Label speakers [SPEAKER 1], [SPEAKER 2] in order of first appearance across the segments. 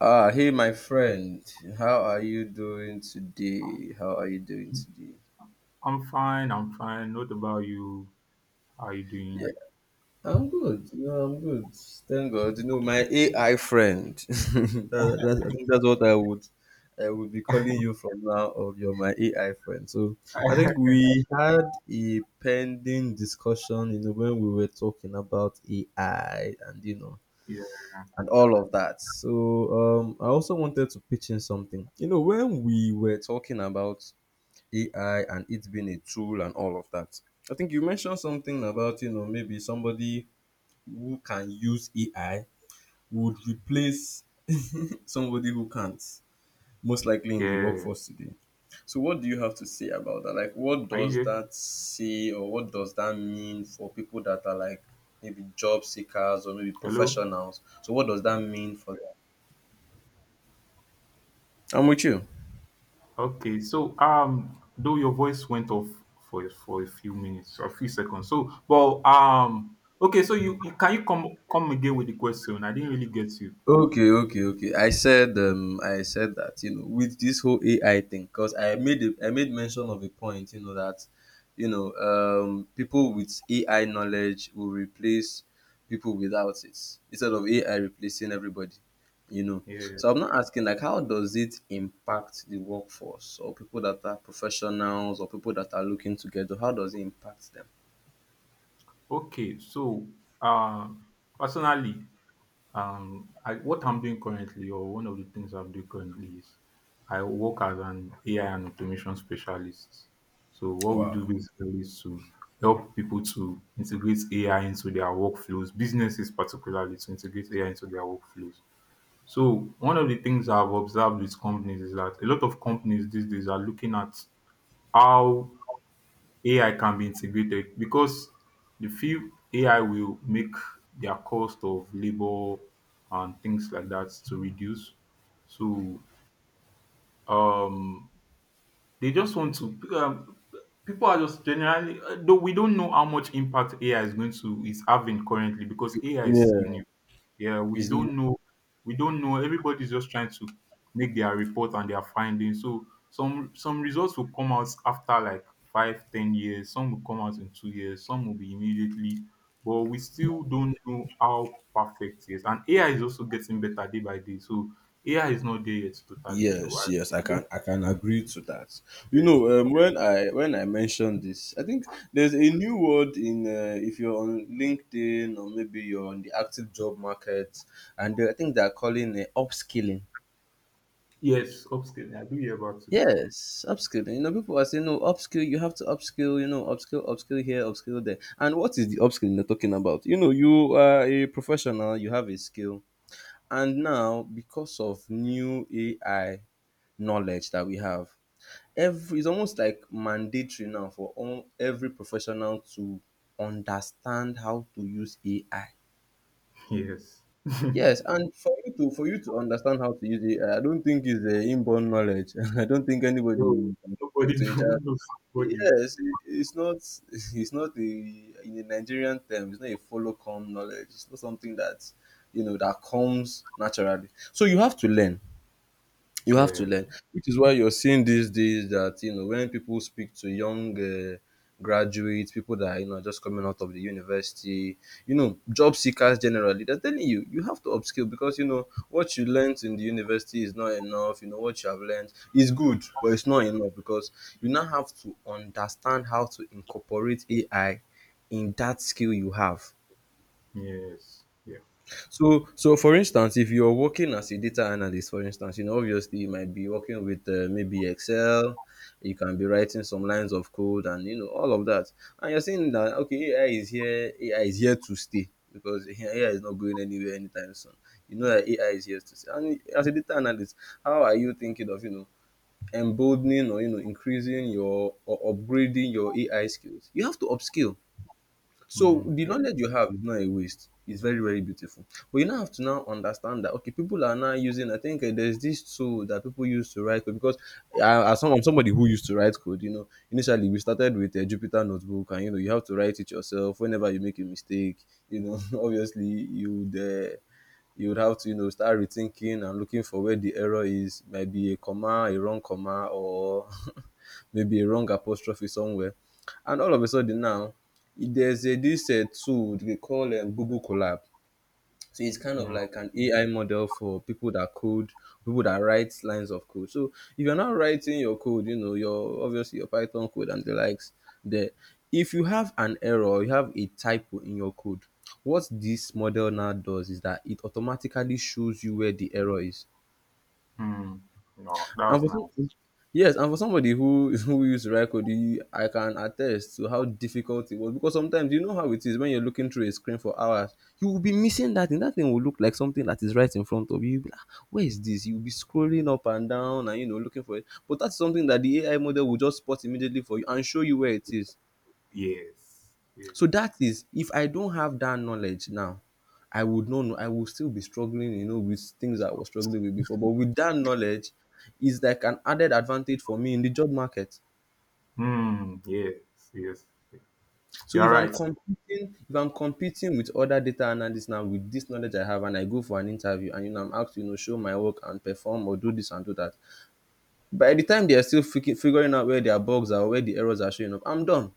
[SPEAKER 1] Ah, hey, my friend. How are you doing today?
[SPEAKER 2] I'm fine. I'm fine. What about you? How are you
[SPEAKER 1] Yeah,
[SPEAKER 2] doing?
[SPEAKER 1] I'm good. You know, I'm good. Thank God. You know, my AI friend. I think that's I would be calling you from now. Of your my AI friend. So I think we had a pending discussion. You know, when we were talking about AI and
[SPEAKER 2] Yeah.
[SPEAKER 1] and all of that. So I also wanted to pitch in something. You know, when we were talking about AI and it being a tool and all of that. I think you mentioned something about, maybe somebody who can use AI would replace somebody who can't, most likely in the
[SPEAKER 2] Yeah.
[SPEAKER 1] workforce today. So what do you have to say about that? Like what
[SPEAKER 2] Are you
[SPEAKER 1] does
[SPEAKER 2] there?
[SPEAKER 1] that say or what does that mean for people that are like maybe job seekers or maybe
[SPEAKER 2] Hello?
[SPEAKER 1] professionals? So what does that mean for them? I'm with you.
[SPEAKER 2] Okay. So, though your voice went off for a few minutes or a few seconds. So, well, okay. So you can you come again with the question? I didn't really get you.
[SPEAKER 1] Okay. I said that, with this whole AI thing, because I made mention of a point, that people with AI knowledge will replace people without it. Instead of AI replacing everybody, you know.
[SPEAKER 2] Yeah.
[SPEAKER 1] So I'm not asking like how does it impact the workforce or people that are professionals or people that are looking to get job? How does it impact them?
[SPEAKER 2] Okay. So, um, personally. What I'm doing currently, or one of the things I'm doing currently, is I work as an AI and automation specialist. So, what we
[SPEAKER 1] Wow.
[SPEAKER 2] do basically is to help people to integrate AI into their workflows, businesses particularly, to integrate AI into their workflows. So, one of the things I've observed with companies is that a lot of companies these days are looking at how AI can be integrated because the few AI will make their cost of labor and things like that to reduce. So um, they just want to. People are just generally, though we don't know how much impact AI is going to is having currently because AI is
[SPEAKER 1] Yeah.
[SPEAKER 2] still new. Yeah, we
[SPEAKER 1] Is
[SPEAKER 2] don't know. We don't know. Everybody's just trying to make their report and their findings. So some results will come out after like 5, 10 years. Some will come out in 2 years. Some will be immediately. But we still don't know how perfect it is. And AI is also getting better day by day. So AI is not there yet totally. So
[SPEAKER 1] Yes,
[SPEAKER 2] I,
[SPEAKER 1] I
[SPEAKER 2] I don't.
[SPEAKER 1] can agree to that.
[SPEAKER 2] Yeah.
[SPEAKER 1] When I mentioned this, I think there's a new word in if you're on LinkedIn or maybe you're on the active job market, and I think they're calling it upskilling.
[SPEAKER 2] Yes, upscaling. I do hear about it.
[SPEAKER 1] Yes, upskilling. You know, people are saying, no, upskill, you have to upskill, you know, upskill, upskill here, upskill there. And what is the upskilling they're talking about? You know, you are a professional, you have a skill. And now, because of new AI knowledge that we have, every it's almost like mandatory now for every professional to understand how to use AI.
[SPEAKER 2] Yes.
[SPEAKER 1] Yes, and for you to understand how to use AI, I don't think it's a inborn knowledge. I don't think
[SPEAKER 2] So
[SPEAKER 1] anybody can compare
[SPEAKER 2] nobody
[SPEAKER 1] to each
[SPEAKER 2] knows
[SPEAKER 1] other.
[SPEAKER 2] nobody.
[SPEAKER 1] Yes, it's not it's not a in the Nigerian term. It's not a follow come knowledge. It's not something that you know that comes naturally. So you have to learn. You have to
[SPEAKER 2] Yeah.
[SPEAKER 1] learn, which is why you're seeing these days that you know when people speak to young graduates, people that you know are just coming out of the university, you know, job seekers generally, they're telling you you have to upskill because you know what you learned in the university is not enough. You know what you have learned is good, but it's not enough because you now have to understand how to incorporate AI in that skill you have.
[SPEAKER 2] Yes. Yeah.
[SPEAKER 1] So, for instance, if you're working as a data analyst, for instance, you know, obviously you might be working with maybe Excel, you can be writing some lines of code and, you know, all of that. And you're saying that, okay, AI is here, AI is here to stay because AI is not going anywhere anytime soon. You know that AI is here to stay. And as a data analyst, how are you thinking of, you know, emboldening or, you know, increasing your or upgrading your AI skills? You have to upskill so
[SPEAKER 2] Mm,
[SPEAKER 1] the
[SPEAKER 2] yeah.
[SPEAKER 1] knowledge you have is not a waste. It's very, very beautiful. But you now have to now understand that okay, people are now using. I think there's this tool that people use to write code because I, as somebody who used to write code, you know, initially we started with a Jupyter notebook, and you know, you have to write it yourself whenever you make a mistake. You know, obviously you would have to you know start rethinking and looking for where the error is might be a wrong comma or maybe a wrong apostrophe somewhere and all of a sudden now this tool they call Google Collab. So it's kind of
[SPEAKER 2] Mm.
[SPEAKER 1] like an AI model for people that code, people that write lines of code. So if you're not writing your code, you know, your obviously your Python code and the likes there. If you have an error, you have a typo in your code. What this model now does is that it automatically shows you where the error is.
[SPEAKER 2] Mm. No, that
[SPEAKER 1] And
[SPEAKER 2] was
[SPEAKER 1] for some,
[SPEAKER 2] nice.
[SPEAKER 1] yes, and for somebody who who used to write code, I can attest to how difficult it was because sometimes you know how it is when you're looking through a screen for hours, you will be missing that and that thing will look like something that is right in front of you. You'll be like, "Ah, where is this?" You'll be scrolling up and down and you know looking for it. But that's something that the AI model will just spot immediately for you and show you where it is.
[SPEAKER 2] Yes. Yes.
[SPEAKER 1] So that is if I don't have that knowledge now, I would not know. I will still be struggling, you know, with things I was struggling with before. But with that knowledge, is like an added advantage for me in the job market.
[SPEAKER 2] Mm. Yes. Yes.
[SPEAKER 1] So
[SPEAKER 2] You're right.
[SPEAKER 1] if I'm competing with other data analysts now with this knowledge I have, and I go for an interview, and you know, I'm asked, to, you know, show my work and perform or do this and do that. By the time they are still figuring out where their bugs are, where the errors are showing up, I'm done.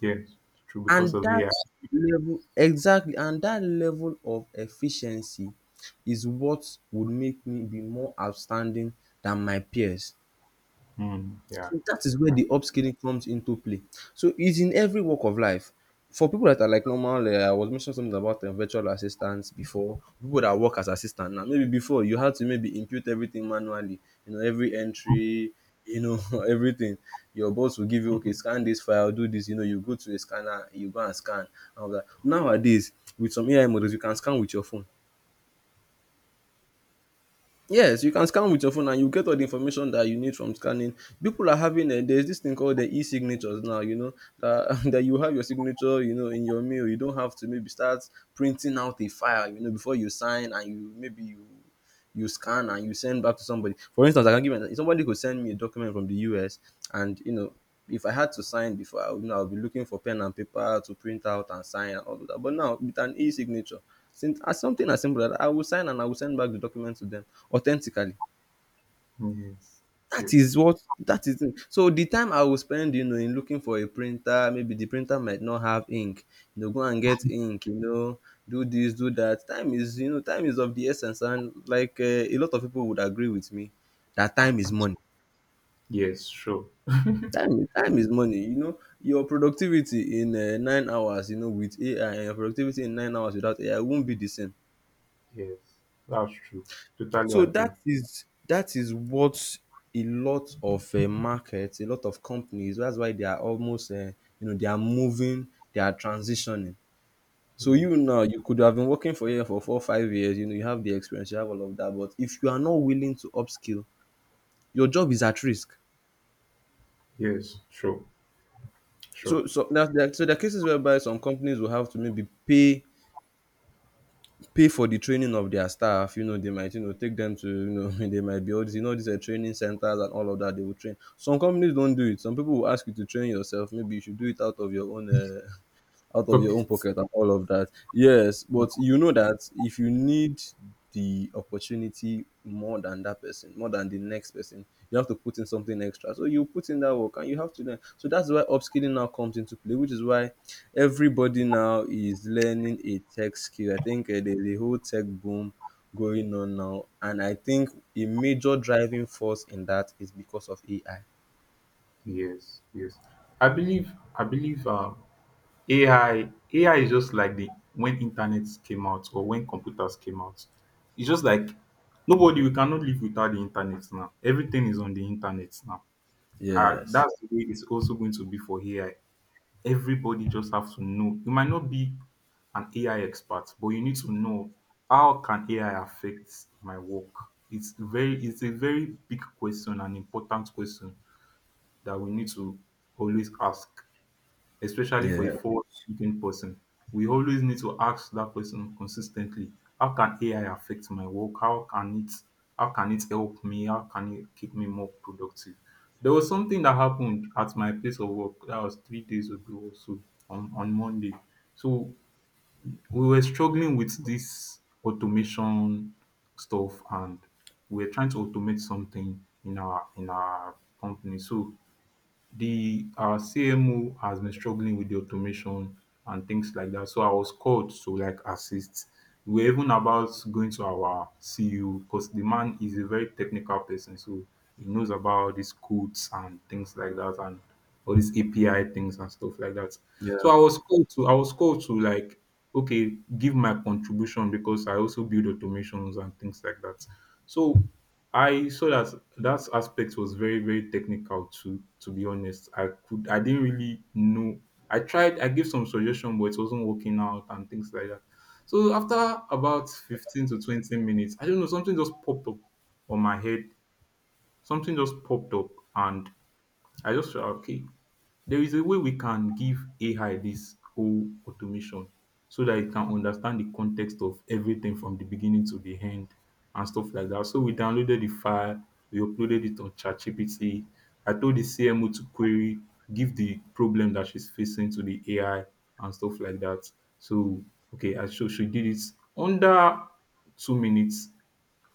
[SPEAKER 2] Yes. True because
[SPEAKER 1] And
[SPEAKER 2] of AI.
[SPEAKER 1] that and that level of efficiency is what would make me be more outstanding than my peers.
[SPEAKER 2] Mm. Yeah.
[SPEAKER 1] So that is where
[SPEAKER 2] Yeah.
[SPEAKER 1] the upskilling comes into play. So it's in every walk of life. For people that are like normal, I was mentioning something about virtual assistants before. People that work as assistant now, maybe before you had to maybe input everything manually. You know, every entry, you know, everything. Your boss will give you, okay, scan this file, do this. You know, you go to a scanner, you go and scan. And all that. Nowadays, with some AI models, you can scan with your phone. Yes, you can scan with your phone and you get all the information that you need from scanning. People are having a there's this thing called the e-signatures now, you know, that you have your signature, you know, in your mail. You don't have to maybe start printing out a file, you know, before you sign and you scan and you send back to somebody. For instance, I can give an, somebody could send me a document from the US and you know if I had to sign before, I would know I'll be looking for pen and paper to print out and sign and all of that. But now with an e-signature, since as something as simple as that, I will sign and I will send back the document to them authentically.
[SPEAKER 2] Yes.
[SPEAKER 1] That
[SPEAKER 2] Yes.
[SPEAKER 1] is what that is. It. So the time I will spend, you know, in looking for a printer, maybe the printer might not have ink. You know, go and get ink. You know, do this, do that. Time is, you know, time is of the essence, and like a lot of people would agree with me, that time is money.
[SPEAKER 2] Yes. Sure.
[SPEAKER 1] Time is money. You know, your productivity in 9 hours, you know, with AI and your productivity in 9 hours without AI won't be the same.
[SPEAKER 2] Yes. That's true. Totally
[SPEAKER 1] So that
[SPEAKER 2] agree.
[SPEAKER 1] is that is what a lot of markets, a lot of companies, that's why they are almost you know, they are moving, they are transitioning. So
[SPEAKER 2] Yes.
[SPEAKER 1] you now, you could have been working for here for four, 5 years, you know, you have the experience, you have all of that, but if you are not willing to upskill, your job is at risk.
[SPEAKER 2] Yes. Sure. Sure.
[SPEAKER 1] So now there are cases whereby some companies will have to maybe pay for the training of their staff. You know, they might, you know, take them to, you know, they might be all these, you know, these training centers and all of that. They will train. Some companies don't do it. Some people will ask you to train yourself. Maybe you should do it out of your own. Out of
[SPEAKER 2] Okay.
[SPEAKER 1] your own pocket and all of that. Yes,
[SPEAKER 2] Mm.
[SPEAKER 1] but you know that if you need the opportunity more than that person, more than the next person, you have to put in something extra. So you put in that work and you have to learn. So that's why upskilling now comes into play, which is why everybody now is learning a tech skill. I think there's a whole tech boom going on now. And I think a major driving force in that is because of AI.
[SPEAKER 2] Yes. Yes. I believe. I believe. AI is just like the when internet came out or when computers came out. It's just like nobody, we cannot live without the internet now. Everything is on the internet now. And
[SPEAKER 1] Yes.
[SPEAKER 2] that's the way it's also going to be for AI. Everybody just have to know. You might not be an AI expert, but you need to know how can AI affect my work? It's a very big question, an important question that we need to always ask, especially for a
[SPEAKER 1] Yeah.
[SPEAKER 2] forward-thinking person. We always need to ask that question consistently. How can AI affect my work? How can it help me? How can it keep me more productive? There was something that happened at my place of work that was 3 days ago or so on Monday. So we were struggling with this automation stuff and we were trying to automate something in our company. So the our CMO has been struggling with the automation and things like that. So I was called to like assist. We were even about going to our CEO because the man is a very technical person, so he knows about these codes and things like that and all these API things and stuff like that. So
[SPEAKER 1] Yeah.
[SPEAKER 2] I was called to like, okay, give my contribution because I also build automations and things like that. So I saw that that aspect was very, very technical too, to be honest. I didn't really know. I tried, I gave some suggestion, but it wasn't working out and things like that. So after about 15 to 20 minutes, I don't know, something just popped up on my head. Something just popped up and I just felt like, okay, there is a way we can give AI this whole automation so that it can understand the context of everything from the beginning to the end and stuff like that. So we downloaded the file, we uploaded it on ChatGPT. I told the CMO to query, give the problem that she's facing to the AI and stuff like that. So okay, I so she did it, under 2 minutes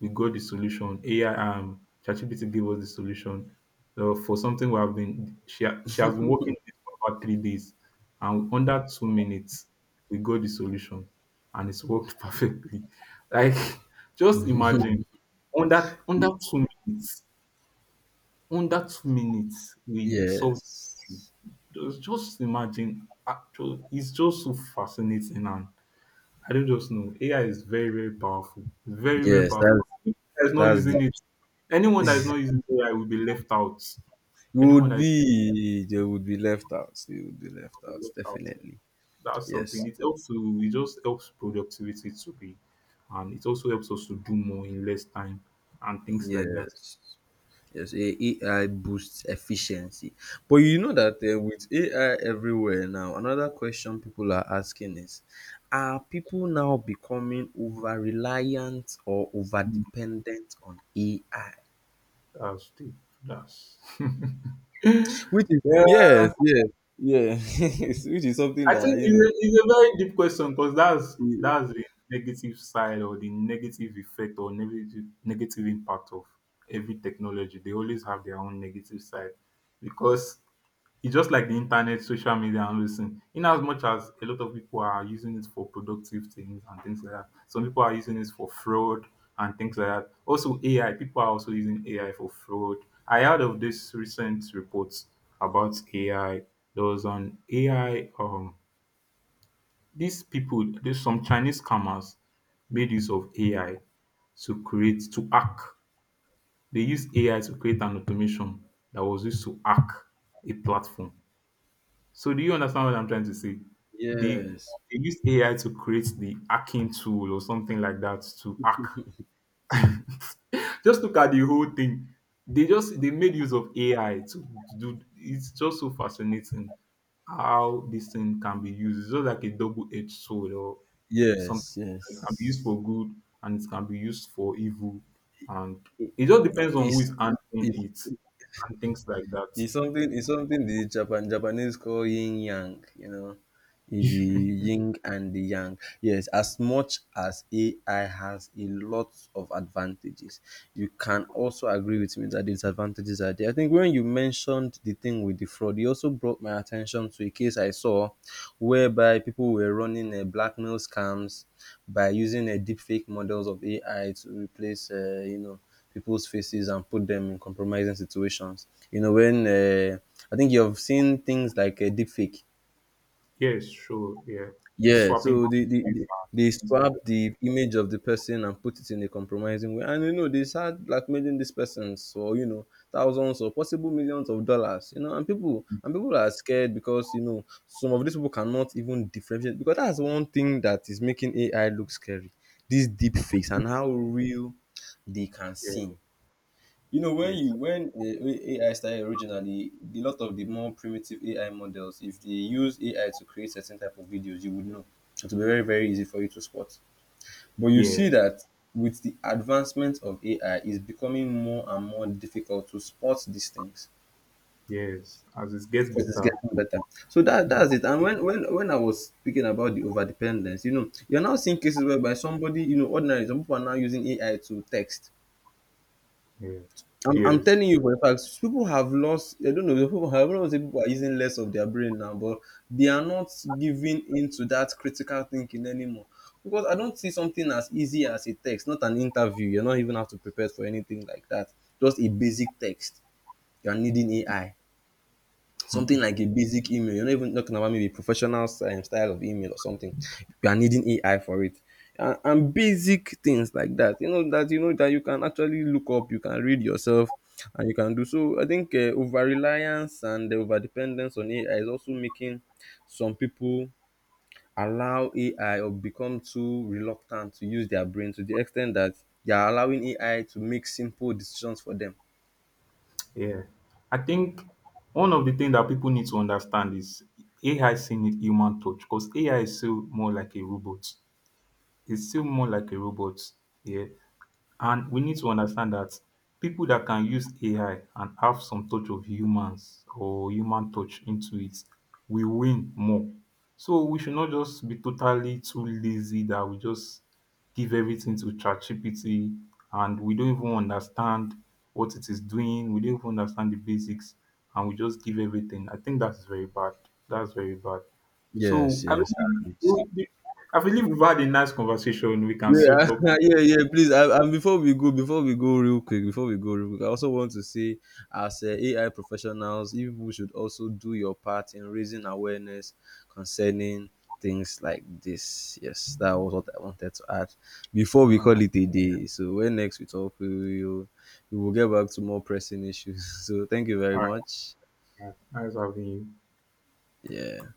[SPEAKER 2] we got the solution. AI, ChatGPT gave us the solution, for something we have been. She has been working on it for about 3 days, and under 2 minutes, we got the solution, and it's worked perfectly. Like, just imagine under
[SPEAKER 1] Y-
[SPEAKER 2] 2 minutes, under 2 minutes, we solved it.
[SPEAKER 1] Yes.
[SPEAKER 2] Just imagine. Actually, it's just so fascinating and I don't just know. AI is very, very powerful. Very, very
[SPEAKER 1] Yes,
[SPEAKER 2] powerful.
[SPEAKER 1] that's
[SPEAKER 2] Anyone that is not
[SPEAKER 1] that's
[SPEAKER 2] using
[SPEAKER 1] the
[SPEAKER 2] it. Anyone that is not using AI will be left out.
[SPEAKER 1] you
[SPEAKER 2] Anyone
[SPEAKER 1] would
[SPEAKER 2] that is
[SPEAKER 1] be they would be left out. They would be left
[SPEAKER 2] not will be
[SPEAKER 1] out,
[SPEAKER 2] left out.
[SPEAKER 1] definitely.
[SPEAKER 2] That's
[SPEAKER 1] Yes.
[SPEAKER 2] something. It just helps productivity to be, and it also helps us to do more in less time and things like that.
[SPEAKER 1] Yes. Yes, AI boosts efficiency. But you know that with AI everywhere now, another question people are asking is, are people now becoming over reliant or over
[SPEAKER 2] Mm.
[SPEAKER 1] dependent on AI?
[SPEAKER 2] That's the that's
[SPEAKER 1] Which is,
[SPEAKER 2] Well,
[SPEAKER 1] yes, yes, yes, which is something
[SPEAKER 2] I think
[SPEAKER 1] that,
[SPEAKER 2] it's a, it's a very deep question because that's
[SPEAKER 1] i-
[SPEAKER 2] that's the negative side or the negative effect or negative impact of every technology. They always have their own negative side because it's just like the internet, social media, and listen. In as much as a lot of people are using it for productive things and things like that, some people are using it for fraud and things like that. Also, AI people are also using AI for fraud. I heard of this recent reports about AI. There was an AI, these people, there's some Chinese scammers made use of AI to hack. They used AI to create an automation that was used to hack a platform. So do you understand what I'm trying to say? They
[SPEAKER 1] yes,
[SPEAKER 2] they used AI to create the hacking tool or something like that to hack. Just look at the whole thing. They made use of AI. To do it's just so fascinating how this thing can be used. It's just like a double-edged sword or something.
[SPEAKER 1] yes,
[SPEAKER 2] It can be used
[SPEAKER 1] yes.
[SPEAKER 2] for good and it can be used for evil. And
[SPEAKER 1] it-
[SPEAKER 2] it just depends on who
[SPEAKER 1] it's
[SPEAKER 2] is handling
[SPEAKER 1] it's
[SPEAKER 2] it and things like
[SPEAKER 1] it's something, it's something the Japanese call yin yang, you know, the
[SPEAKER 2] that.
[SPEAKER 1] yin and the yang. Yes, as much as AI has a lot of advantages, you can also agree with me that the disadvantages are there. I think when you mentioned the thing with the fraud, you also brought my attention to a case I saw whereby people were running a blackmail scams by using a deep fake models of AI to replace, you know, people's faces and put them in compromising situations. You know, when I think you've seen things like a deep fake.
[SPEAKER 2] Yes, sure. Yeah.
[SPEAKER 1] Yeah,
[SPEAKER 2] Swapping
[SPEAKER 1] so
[SPEAKER 2] boundaries
[SPEAKER 1] they
[SPEAKER 2] and things like
[SPEAKER 1] swap the image of the person and put it in a compromising way. And you know, they start blackmailing these persons for, you know, thousands or possible millions of dollars. You know, and people are scared because, you know, some of these people cannot even differentiate, because that's one thing that is making AI look scary. These deep fakes and how real they can
[SPEAKER 2] that.
[SPEAKER 1] seem. You know, when
[SPEAKER 2] Yeah. Yes.
[SPEAKER 1] you when uh, AI started originally, a lot of the more primitive AI models, if they use AI to create certain type of videos, you would know. It will be very easy for you to spot. But you see
[SPEAKER 2] Yes.
[SPEAKER 1] that with the advancement of AI, it's becoming more and more difficult to spot these things
[SPEAKER 2] Yes. As it gets
[SPEAKER 1] because it's
[SPEAKER 2] better.
[SPEAKER 1] getting better. So that
[SPEAKER 2] Yeah.
[SPEAKER 1] that's it. And when I was speaking about the overdependence, you know, you're now seeing cases whereby somebody, you know, ordinarily some people are now using AI to text.
[SPEAKER 2] Yes.
[SPEAKER 1] I'm
[SPEAKER 2] Yes.
[SPEAKER 1] telling you for a fact, people have lost. I don't know. People have, I don't want to say people are using less of their brain now, but they are not giving into that critical thinking anymore. Because I don't see something as easy as a text, not an interview. You do not even have to prepare for anything like that. Just a basic text. You are needing AI, something like a basic email. You're not even talking about maybe professional style of email or something. You are needing AI for it. And basic things like that, you know, that you know that you can actually look up, you can read yourself, and you can do so. I think over reliance and the over dependence on AI is also making some people allow AI, or become too reluctant to use their brain to the extent that they are allowing AI to make simple decisions for them.
[SPEAKER 2] Yeah. I think one of the things that people need to understand is AI still need human touch because AI is still more like a robot. It's still more like a robot. Yeah. And we need to understand that people that can use AI and have some touch of humans or human touch into it will win more. So we should not just be totally too lazy that we just give everything to ChatGPT and we don't even understand what it is doing. We don't even understand the basics and we just give everything. I think that's very bad. That's very bad. So
[SPEAKER 1] Yes,
[SPEAKER 2] I
[SPEAKER 1] yes.
[SPEAKER 2] believe, I believe we've had a nice conversation. We can still
[SPEAKER 1] Yeah,
[SPEAKER 2] talk.
[SPEAKER 1] yeah, yeah. Please, and before we go real quick, I also want to say, as AI professionals, you people should also do your part in raising awareness concerning things like this. Yes, that was what I wanted to add before we
[SPEAKER 2] All right.
[SPEAKER 1] call it a day. So when next we talk, we will get back to more pressing issues. So thank you very much.
[SPEAKER 2] É, mais ovinho.
[SPEAKER 1] Yeah.